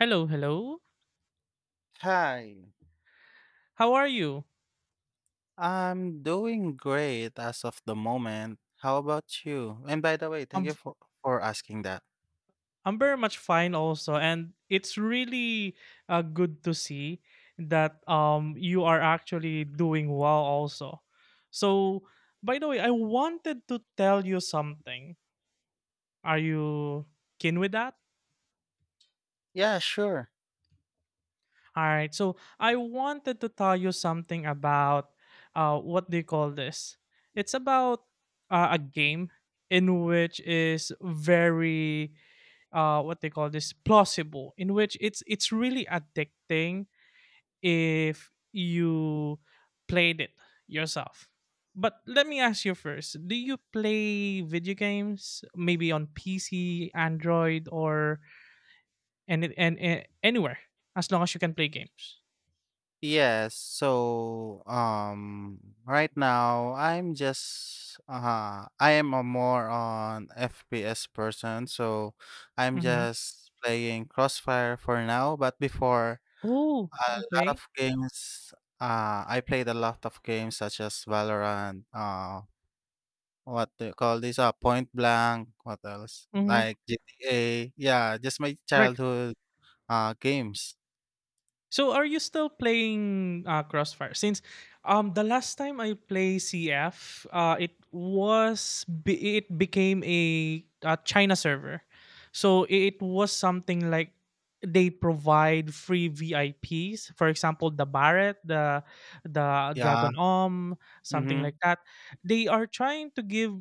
Hello, hello. Hi, How are you? I'm doing great as of the moment. How about you? And by the way, thank I'm you for asking that. I'm very much fine also and it's really good to see that you are actually doing well also. So, by the way, I wanted to tell you something. Are you keen with that? Yeah, sure. All right. So, I wanted to tell you something about what do you call this? It's about a game in which is very what they call this plausible in which it's really addicting if you played it yourself. But let me ask you first, do you play video games maybe on pc, android, or and anywhere as long as you can play games? Yes, so right now I am a more on FPS person, so I'm Mm-hmm. just playing Crossfire for now, but before Oh, a lot okay. of games I played a lot of games such as Valorant. What do you call this, Point Blank, what else? Mm-hmm. Like GTA, yeah, just my Right. childhood, games. So are you still playing Crossfire? Since the last time I play CF, it was it became a China server. So it was something like they provide free VIPs, for example, the Barret, the Yeah. Dragon Om, something Mhm. like that. They are trying to give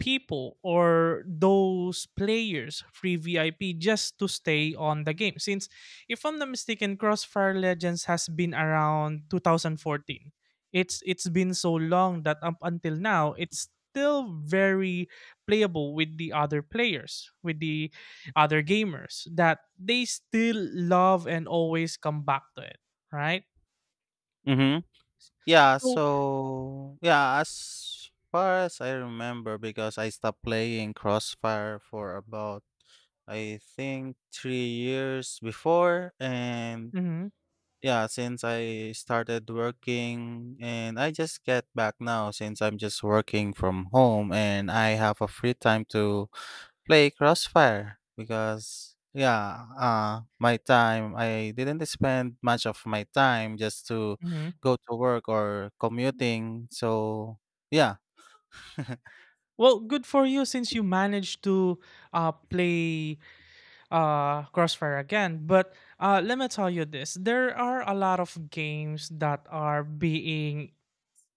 people or those players free VIP just to stay on the game since, if I'm not mistaken, Crossfire Legends has been around 2014. It's been so long that up until now it's still very playable with the other players, with the other gamers, that they still love and always come back to it, right? Mhm. Yeah, So so, yeah, as far as I remember, because I stopped playing Crossfire for about, I think, 3 years before, and mhm, yeah, since I started working, and I just get back now since I'm just working from home and I have a free time to play Crossfire because yeah, my time I didn't spend much of my time just to mhm. go to work or commuting. So yeah. Well, good for you, since you managed to play Crossfire again. But let me tell you this, there are a lot of games that are being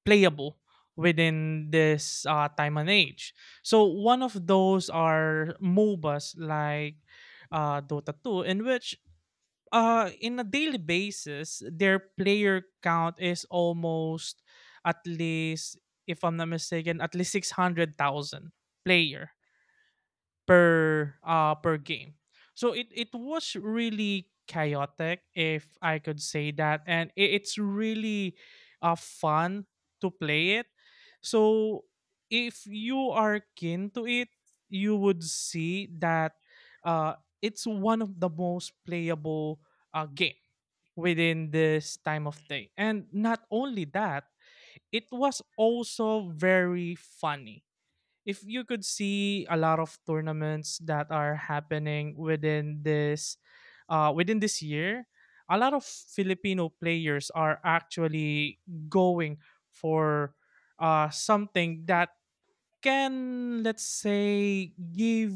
playable within this time and age. So, one of those are MOBAs like Dota 2, in which in a daily basis, their player count is almost, at least, if I'm not mistaken, at least 600,000 player per per game. So it was really chaotic, if I could say that, and it's really fun to play it. So if you are keen to it, you would see that uh it's one of the most playable game within this time of day. And not only that, it was also very funny if you could see a lot of tournaments that are happening within this year. A lot of filipino players are actually going for something that can, let's say, give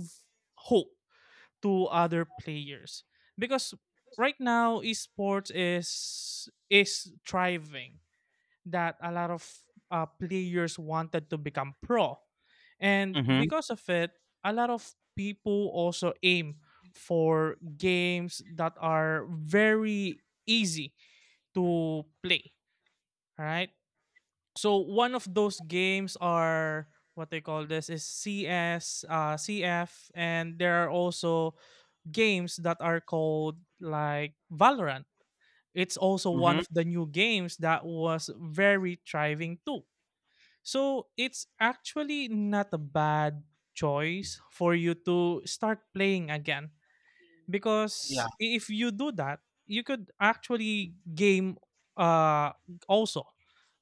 hope to other players because right now esports is thriving, that a lot of players wanted to become pro. And Mhm. because of it, a lot of people also aim for games that are very easy to play. All right. So one of those games are what they call this is CS, CF, and there are also games that are called like Valorant. It's also one Mhm. of the new games that was very thriving too. So it's actually not a bad choice for you to start playing again because Yeah. if you do that, you could actually game uh also.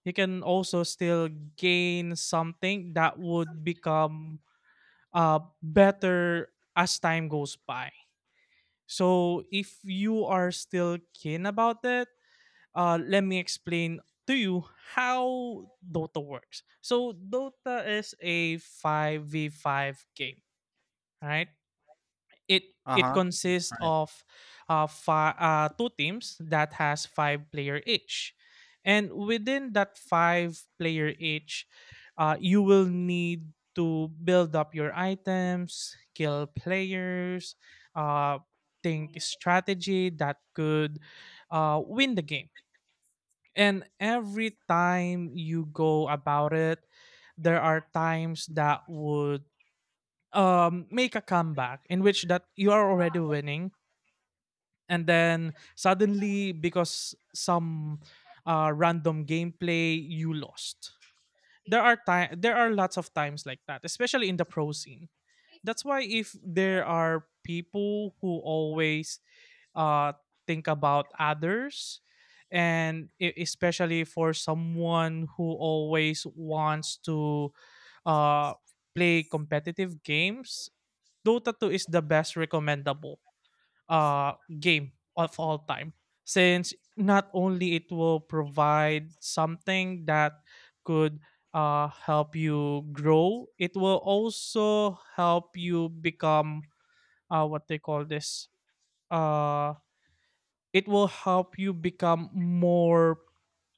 You can also still gain something that would become better as time goes by. So if you are still keen about it, let me explain to you how Dota works. So Dota is a 5v5 game, right? It it Uh-huh. That's consists right. of two teams that has five player each. And within that five player each, you will need to build up your items, kill players, uh, think strategy that could win the game. And every time you go about it, there are times that would make a comeback in which that you are already winning, and then suddenly, because some random gameplay, you lost. There are lots of times like that, especially in the pro scene. That's why, if there are people who always uh think about others, and especially for someone who always wants to uh play competitive games, dota 2 is the best recommendable uh, game of all time, since not only it will provide something that could help you grow, it will also help you become what they call this uh, it will help you become more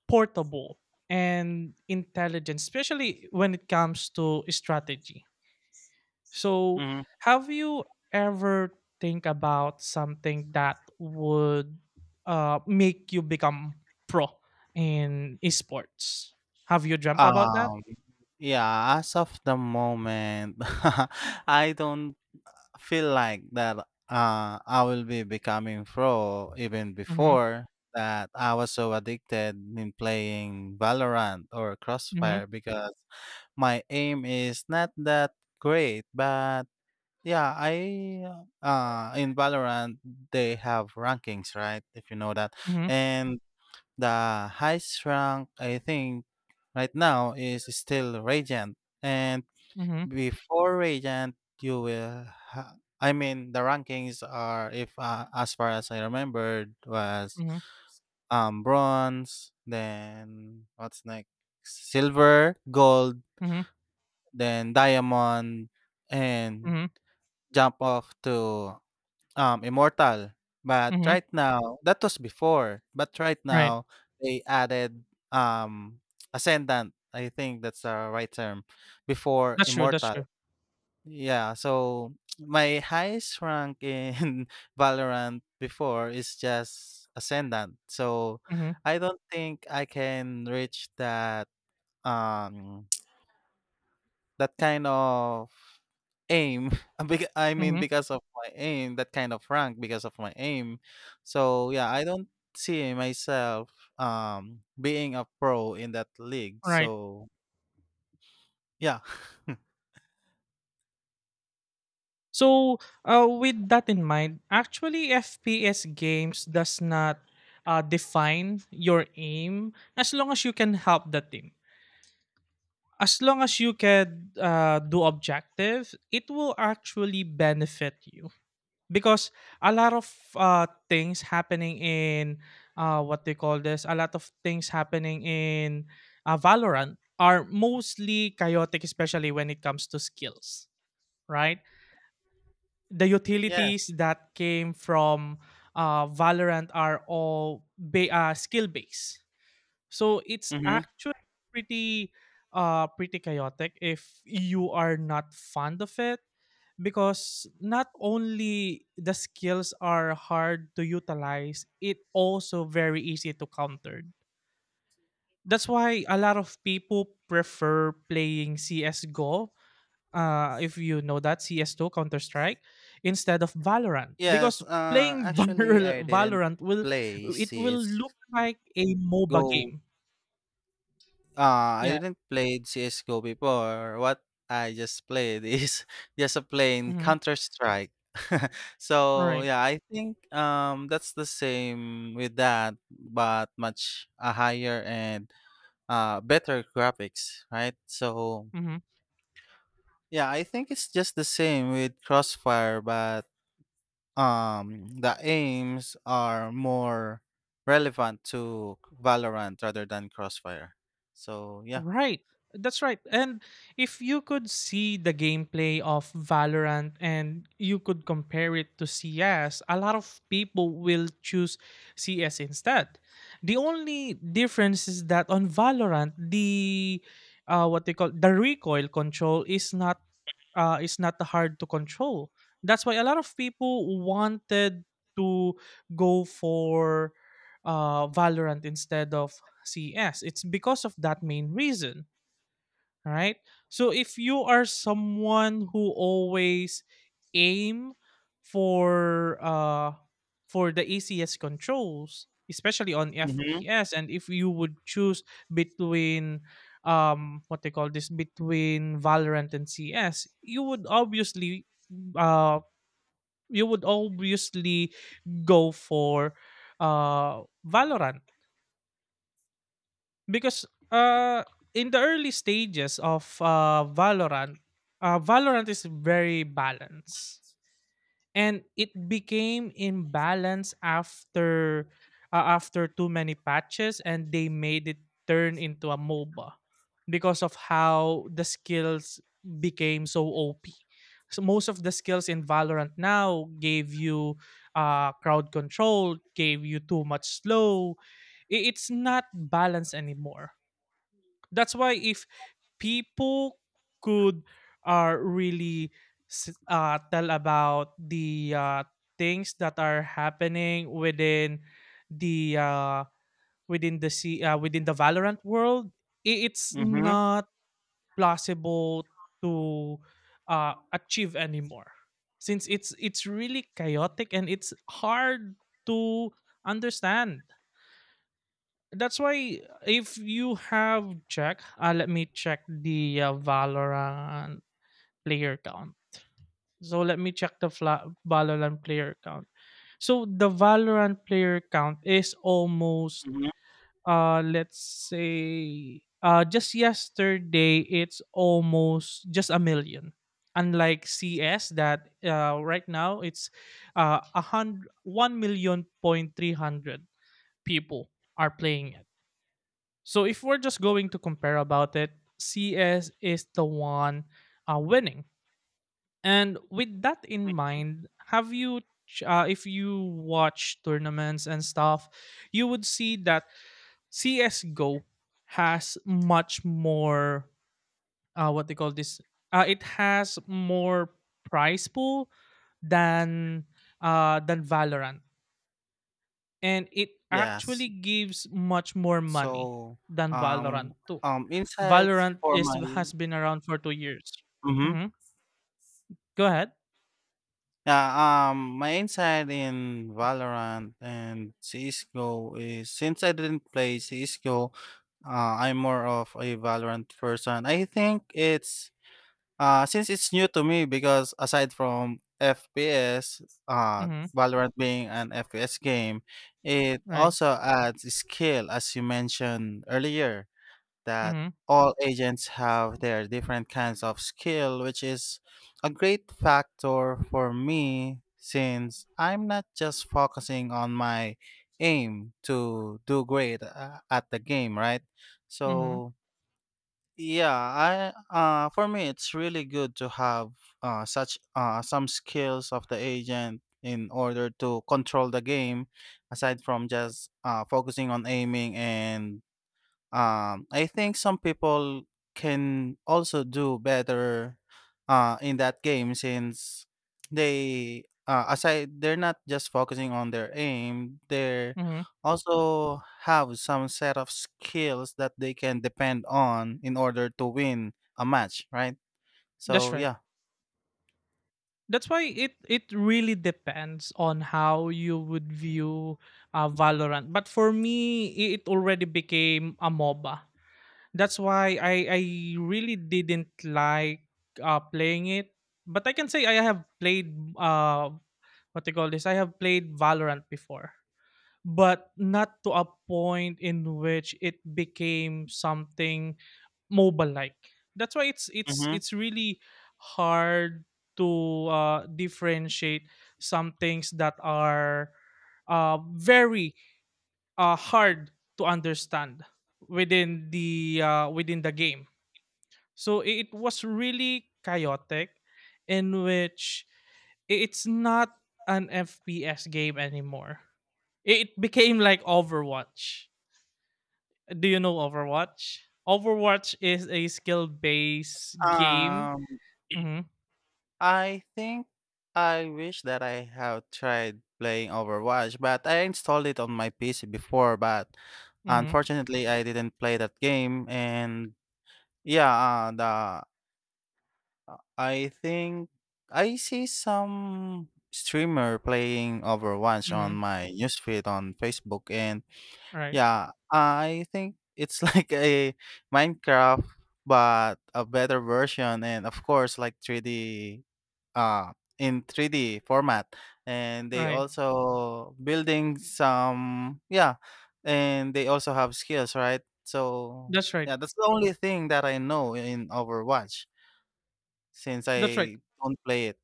portable and intelligent, especially when it comes to strategy. So, Mhm. have you ever think about something that would make you become pro in esports? Have you dreamt about that? Um yeah, as of the moment I don't feel like that I will be becoming pro even Mm-hmm. before that I was so addicted in playing Valorant or Mm-hmm. Crossfire because my aim is not that great, but yeah, I in Valorant they have rankings, right? If you know that. Mm-hmm. And the highest rank I think right now is still Radiant. And Mm-hmm. before Radiant, I mean the rankings are, if as far as I remembered, was Mm-hmm. Bronze, then what's next? Silver, gold, Mm-hmm. then diamond and Mm-hmm. jump off to immortal. But Mm-hmm. right now, that was before, but right Right. now they added um ascendant. I think that's the right term before That's true. That's immortal. true. Yeah, so my highest rank in Valorant before is just Ascendant. So Mm-hmm. I don't think I can reach that um that kind of aim. I mean Mm-hmm. because of my aim, that kind of rank because of my aim. So yeah, I don't see myself being a pro in that league. Right. So yeah. So, with that in mind, actually, FPS games does not define your aim as long as you can help the team. As long as you can do objectives, it will actually benefit you because a lot of things happening in what they call this, a lot of things happening in Valorant are mostly chaotic, especially when it comes to skills, right? The utilities Yes. that came from Valorant are all skill based. So it's Mm-hmm. actually pretty pretty chaotic if you are not fond of it, because not only the skills are hard to utilize, it also very easy to counter. That's why a lot of people prefer playing CS:GO, if you know that, CS2 Counter Strike, instead of Valorant, Yes, because playing actually I didn't Valorant will, play it will CS:GO. look like a MOBA game. I Yeah. didn't play CS:GO before. What I just played is just a plain Mm-hmm. Counter-Strike. All So, right. yeah, I think that's the same with that, but much a higher and better graphics, right? So, Mm-hmm. yeah, I think it's just the same with Crossfire, but the aims are more relevant to Valorant rather than Crossfire. So yeah. Right. That's right. And if you could see the gameplay of Valorant and you could compare it to CS, a lot of people will choose CS instead. The only difference is that on Valorant, the what they call the recoil control is not hard to control. That's why a lot of people wanted to go for Valorant instead of CS. It's because of that main reason, right? So if you are someone who always aim for uh for the ACS controls, especially on Mm-hmm. FPS, and if you would choose between what they call this between Valorant and CS, you would obviously uh you would obviously go for uh Valorant. Because in the early stages of Valorant, Valorant is very balanced. And it became imbalanced after after too many patches, and they made it turn into a MOBA because of how the skills became so OP. So most of the skills in Valorant now gave you crowd control, gave you too much slow. It's not balanced anymore. That's why if people could really tell about the things that are happening the uh, within the sea within the Valorant world, it's Mm-hmm. not plausible to achieve anymore, since it's really chaotic and it's hard to understand. That's why, if you have check, let me check the Valorant player count. So let me check the Valorant player count. So the Valorant player count is almost Hmm. Let's say just yesterday it's almost just a million. Unlike CS that right now it's a hundred one million point three hundred people are playing. So if we're just going to compare about it, CS is the one winning. And with that in mind, have you, if you watch tournaments and stuff, you would see that CSGO has much more, what they call this, it has more prize pool than than Valorant, and it Yes. actually gives much more money So than um Valorant too. Insights Valorant for is my. has been around for 2 years. Mm-hmm. Hmm. Go ahead. Yeah, my insight in Valorant and CSGO is, since I didn't play CSGO, I'm more of a Valorant person. I think it's since it's new to me, because aside from FPS, uh, Hmm. Valorant being an FPS game, it Right. also adds skill, as you mentioned earlier, that Hmm. all agents have their different kinds of skill, which is a great factor for me since I'm not just focusing on my aim to do great at the game, right? Hmm. So yeah, I for me it's really good to have such some skills of the agent in order to control the game aside from just focusing on aiming. And I think some people can also do better in that game, since they're not just focusing on their aim, they Hmm. also have some set of skills that they can depend on in order to win a match, right? That's So right. yeah. That's why it really depends on how you would view Valorant. But for me, it already became a MOBA. That's why I really didn't like playing it. But I can say I have played uh what they call this, I have played Valorant before, but not to a point in which it became something mobile like. That's why it's it's Mm-hmm. it's really hard to differentiate some things that are very hard to understand within the game. So it was really chaotic, in which it's not an FPS game anymore. It became like Overwatch. Do you know Overwatch? Overwatch is a skill based game. um Mm-hmm. I think I wish that I have tried playing Overwatch, but I installed it on my PC before, but Mm-hmm. unfortunately I didn't play that game. And yeah, the I think I see some streamer playing Overwatch on Mm-hmm. my newsfeed on Facebook, and Right. yeah, I think it's like a Minecraft, but a better version, and of course, like 3D, uh, in 3D format. And they Right. also building some, yeah, and they also have skills, right? So That's right. yeah, that's the only thing that I know in Overwatch since That's right. I don't play it.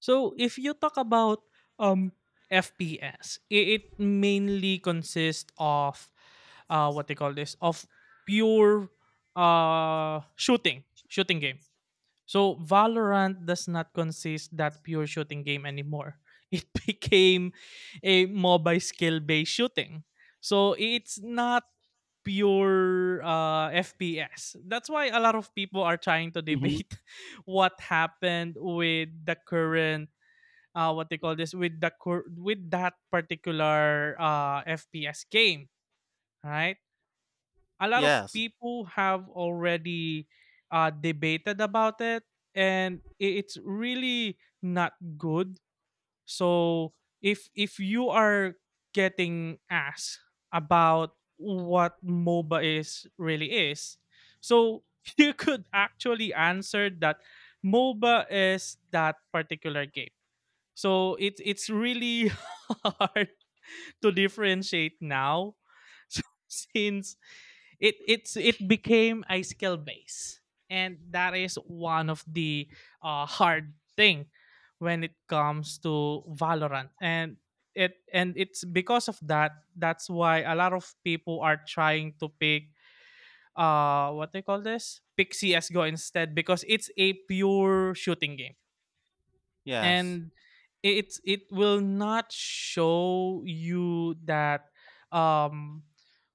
So if you talk about um FPS, it mainly consists of what they call this of pure uh shooting shooting game. So Valorant does not consist that pure shooting game anymore. It became a mobile skill based shooting. So it's not pure FPS. That's why a lot of people are trying to Hmm. debate what happened with the current what they call this with the cur- with that particular FPS game, right? A lot of Yes, people have already debated about it, and it's really not good. So if you are getting asked about what MOBA is really is, so you could actually answer that MOBA is that particular game, so it's really hard to differentiate now, so since it became a skill base, and that is one of the hard thing when it comes to Valorant. And it's because of that, that's why a lot of people are trying to pick what they call this pick CSGO instead because it's a pure shooting game. yes. And it will not show you that um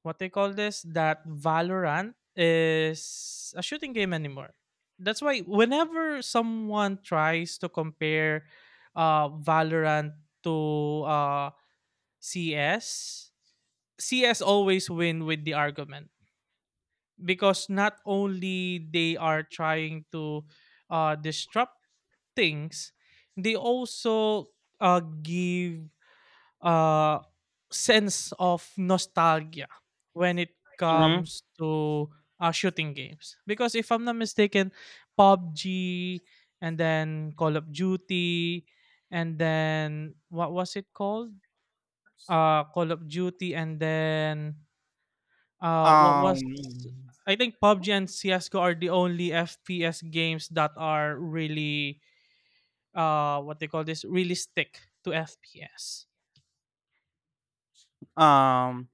what they call this that Valorant is a shooting game anymore. That's why whenever someone tries to compare Valorant to uh CS, CS always win with the argument because not only they are trying to disrupt things, they also give a sense of nostalgia when it Hmm. comes to shooting games. Because if I'm not mistaken, PUBG and then Call of Duty, and then what was it called? Call of Duty and then what Um, was I think PUBG and CS:GO are the only FPS games that are really what they call this really stick to FPS. um,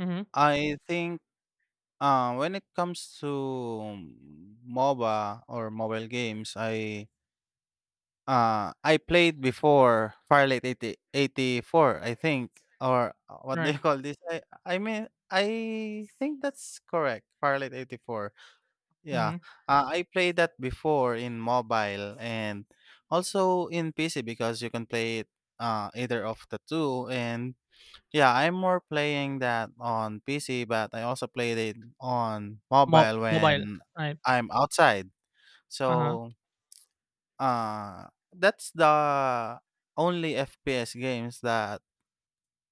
Mm-hmm. I think. When it comes to MOBA or mobile games, I played before Firelight 80 eighty four, I think, or what do you Right. call this? I mean, I think that's correct. Firelight 84. Yeah. Mm-hmm. I played that before in mobile and also in PC, because you can play it either of the two, and yeah, I'm more playing that on PC, but I also played it on mobile Mobile. when Right. I'm outside. Uh huh. So, uh, that's the only FPS games that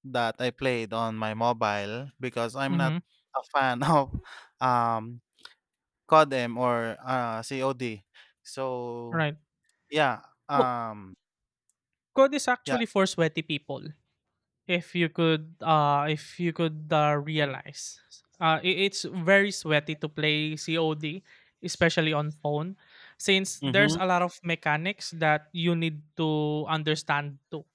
that I played on my mobile, because I'm not Mm-hmm. a fan of um CODM or COD. So, Right. yeah, Well, um code is yeah. actually for sweaty people. If you could realize it's very sweaty to play COD especially on phone, since Mhm. there's a lot of mechanics that you need to understand too,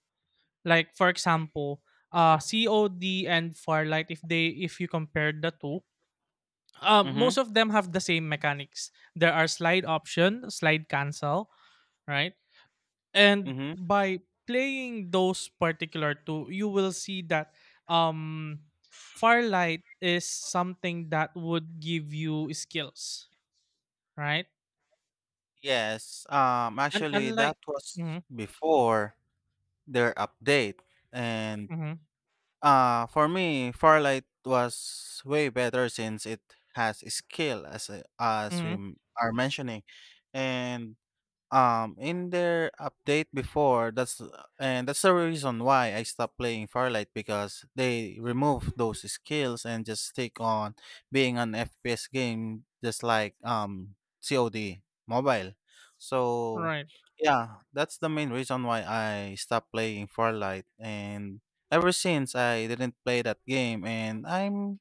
like for example COD and Farlight. If they if you compare the two, most Mhm. of them have the same mechanics. There are slide option, slide cancel, right? And Mhm. by playing those particular two, you will see that um Firelight is something that would give you skills, right? Yes. And Actually unlike... that was Mm-hmm. before their update. And Mm-hmm. For me, Farlight was way better since it has skill as we Mm-hmm. Are mentioning. And in their update before, that's and that's the reason why I stopped playing Firelight, because they removed those skills and just stick on being an FPS game, just like COD mobile. So Right. yeah, that's the main reason why I stopped playing Firelight, and ever since I didn't play that game, and I'm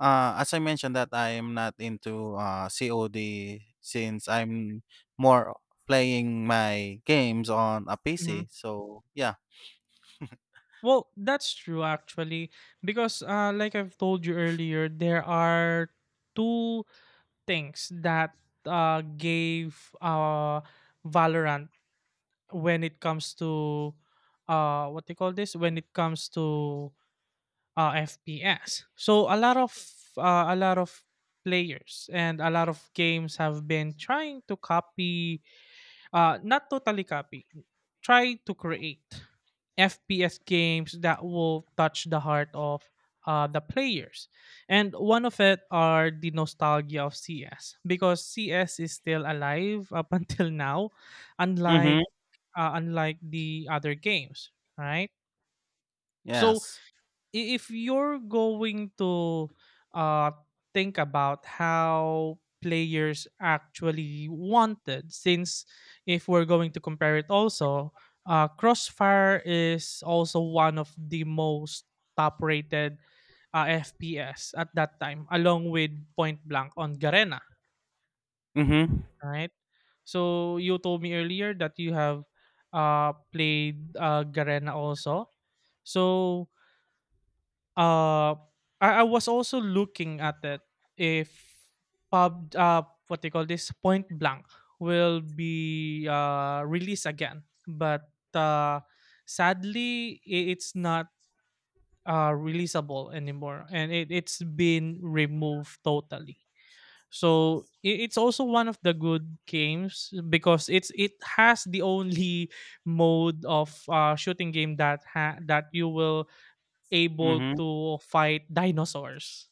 as I mentioned that I am not into, COD, since I'm more playing my games on a Mm-hmm. PC. So, yeah. Well, that's true actually, because like I've told you earlier, there are two things that gave Valorant when it comes to what do you call this when it comes to FPS. So a lot of players and a lot of games have been trying to copy, not totally copy, try to create FPS games that will touch the heart of the players. And one of it are the nostalgia of CS, because CS is still alive up until now, Mhm. unlike unlike the other games, right? So Yes. If you're going to uh, think about how players actually wanted, since if we're going to compare it also, Crossfire is also one of the most top rated FPS at that time, along with Point Blank on Garena, Mhm. right? So you told me earlier that you have played Garena also. So uh, I was also looking at it, if pub what they call this Point Blank will be released again, but sadly it's not releasable anymore, and it's been removed totally. So it's also one of the good games, because it has the only mode of shooting game that that you will able Mhm. to fight dinosaurs,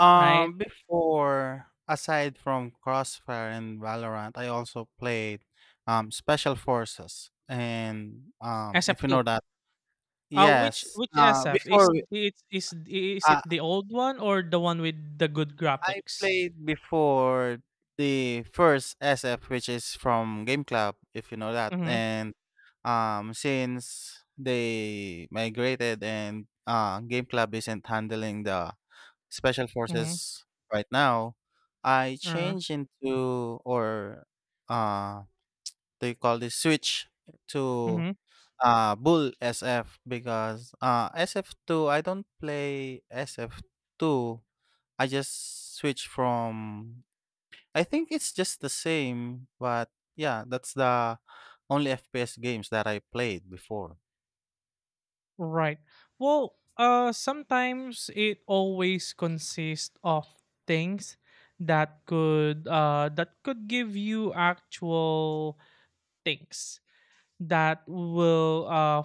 right? before, aside from Crossfire and Valorant, I also played, Special Forces, and, if you SF2. know that. Uh, which Yes. which SF is Before, it is is it uh the old one or the one with the good I graphics? played before the first SF, which is from Game Club, if you know that. Mhm. And since they migrated and Game Club isn't handling the special Mhm. forces right now, I Uh, changed into, or uh, they call this, switch to mhm. Bull SF, because SF two, I don't play SF two. I just switch from I think it's just the same, but yeah, that's the only FPS games that I played before. Right. Well, sometimes it always consists of things that could give you actual things that will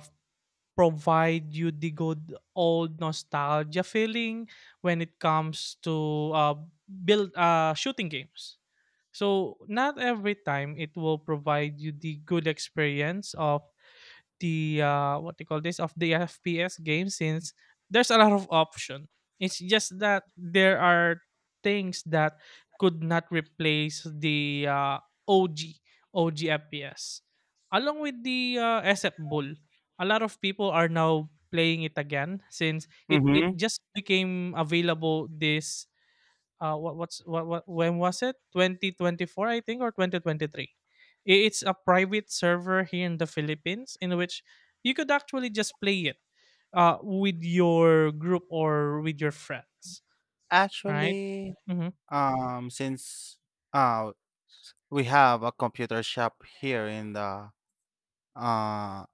provide you the good old nostalgia feeling when it comes to build shooting games. So not every time it will provide you the good experience of the what do you call this of the FPS game, since there's a lot of option. It's just that there are things that could not replace the OG OG FPS. Along with the SF Bull, a lot of people are now playing it again, since it Mhm. just became available this... what what's what when was it, 2024 I think, or 2023? It's a private server here in the Philippines, in which you could actually just play it with your group or with your friends, right? Actually, Mm-hmm. Since uh, we have a computer shop uh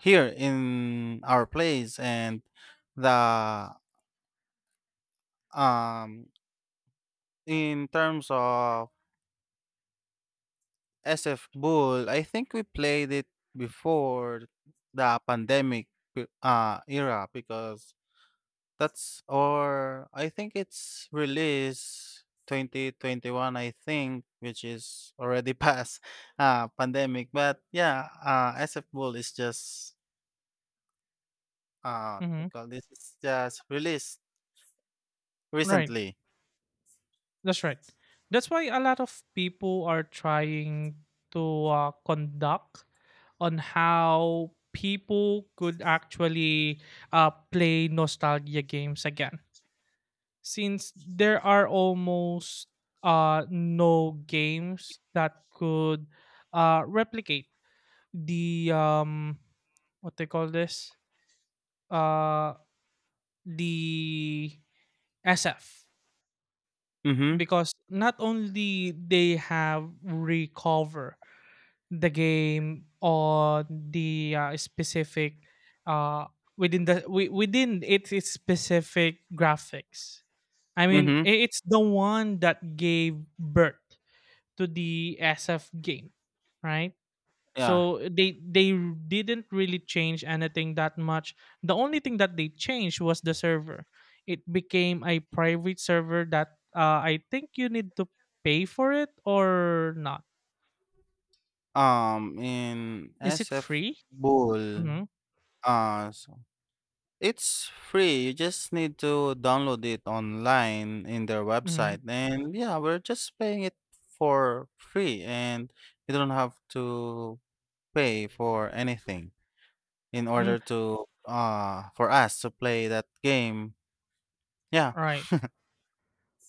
here in our place, and the um in terms of SF Bull, I think we played it before the pandemic era, because That's or I think it's released 2021, I think, which is already past pandemic. But yeah, SF Bull is just, Mm-hmm. because this is just released Right. recently. That's right. That's why a lot of people are trying to conduct on how people could actually play nostalgia games again, since there are almost no games that could replicate the what they call this uh the SF. Mm-hmm. Because not only they have recover the game on the specific, uh within within its specific graphics. I mean, Mm-hmm. It's the one that gave birth to the SF game, right? Yeah. So they didn't really change anything that much. The only thing that they changed was the server. It became a private server that, I think you need to pay for it, or not. In Is it SF free? Bull, Mm-hmm. uh, It's free. You just need to download it online in their Mm-hmm. website. And yeah, we're just paying it for free and you don't have to pay for anything in Mm, order to for us to play that game. Yeah. right.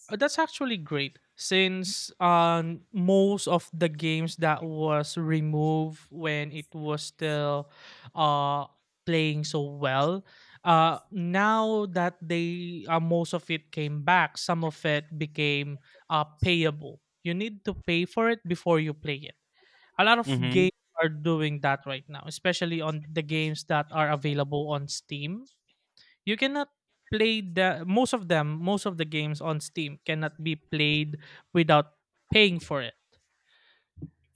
That's actually great, since most of the games that was removed when it was still uh playing so well, now that they most of it came back. Some of it became payable. You need to pay for it before you play it. A lot of Mm-hmm. games are doing that right now, especially on the games that are available on Steam. You cannot play the most of them most of the games on Steam cannot be played without paying for it,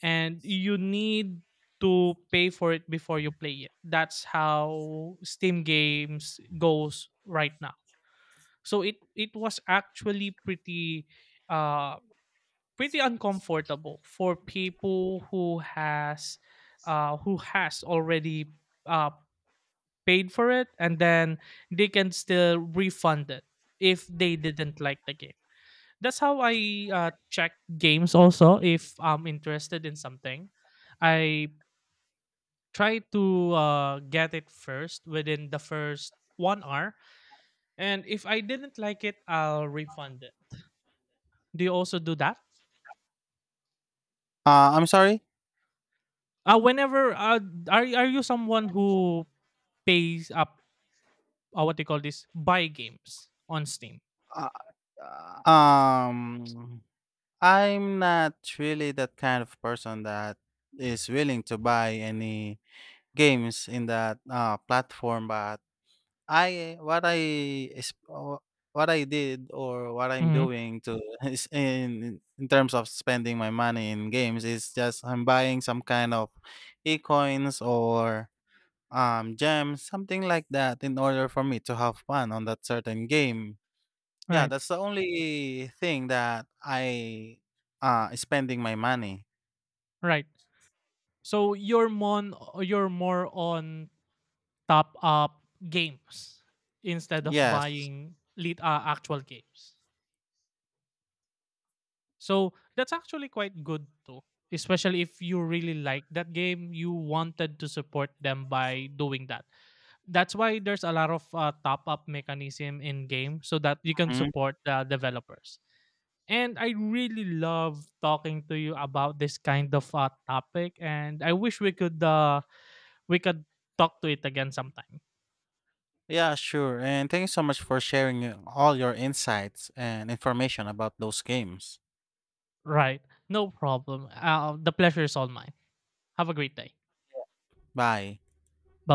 and you need to pay for it before you play it. That's how Steam games goes right now. So it was actually uh pretty uncomfortable for people who has, who has already uh paid for it, and then they can still refund it if they didn't like the game. That's how I check games also, if I'm interested in something. I try to get it first within the first 1 hour. And if I didn't like it, I'll refund it. Do you also do that? I'm sorry. Whenever Are you someone who pays up what they call this buy games on Steam? Uh, uh, Um I'm not really that kind of person that is willing to buy any games in that platform, but I what I is what I did or what I'm Mm-hmm. doing to is, in terms of spending my money in games, is just I'm buying some kind of e-coins or gems, something like that, in order for me to have fun on that certain game. Yeah, Right, that's the only thing that I is spending my money. right. So you're more on top up games instead of Yes. buying lit actual games. So that's actually quite good too, especially if you really like that game, you wanted to support them by doing that. That's why there's a lot of top up mechanism in game, so that you can Mhm. support the developers. And I really love talking to you about this kind of topic, and I wish we could talk to it again sometime. Yeah, sure. And thank you so much for sharing all your insights and information about those games. Right. No problem. The pleasure is all mine. Have a great day. Bye. Bye.